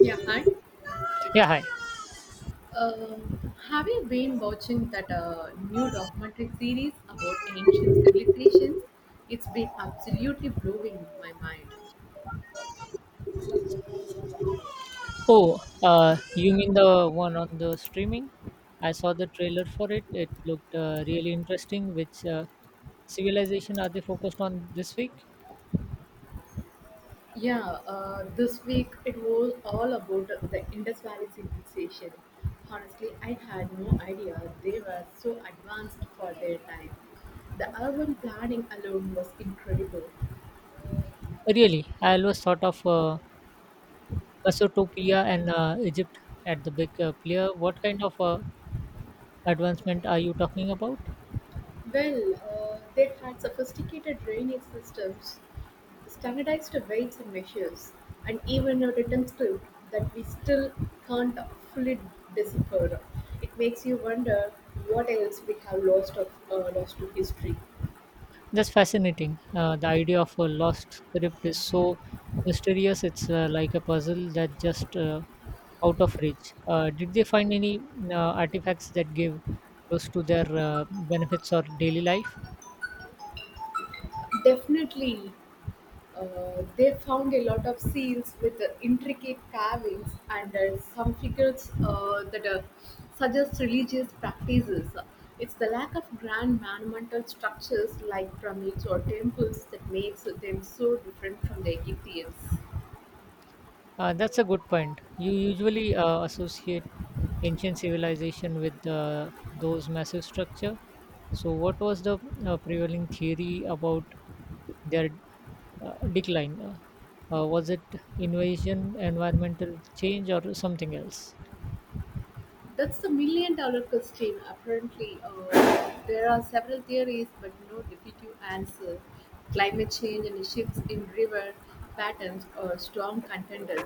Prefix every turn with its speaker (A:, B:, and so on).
A: Yeah, hi.
B: Yeah, hi.
A: Have you been watching that new documentary series about ancient civilizations? It's been absolutely blowing my mind.
B: Oh, you mean the one on the streaming? I saw the trailer for it. It looked really interesting. Which civilization are they focused on this week?
A: Yeah, this week it was all about the Indus Valley civilization. Honestly, I had no idea they were so advanced for their time. The urban planning alone was incredible.
B: Really, I always thought of Mesopotamia and Egypt at the big player. What kind of advancement are you talking about?
A: Well, they had sophisticated drainage systems, standardized weights and measures, and even a written script that we still can't fully decipher. It makes you wonder what else we have lost to history.
B: That's fascinating. The idea of a lost script is so mysterious. It's like a puzzle that just out of reach. Did they find any uh, artifacts that give close to their benefits or daily life?
A: Definitely, they found a lot of seals with intricate carvings and some figures that suggest religious practices. It's the lack of grand monumental structures like pyramids or temples that makes them so different from the Egyptians.
B: That's a good point. You usually associate ancient civilization with those massive structure. So, what was the prevailing theory about their decline? Was it invasion, environmental change, or something else?
A: That's the million dollar question. Apparently, there are several theories, but no definitive answer. Climate change and shifts in river patterns are strong contenders,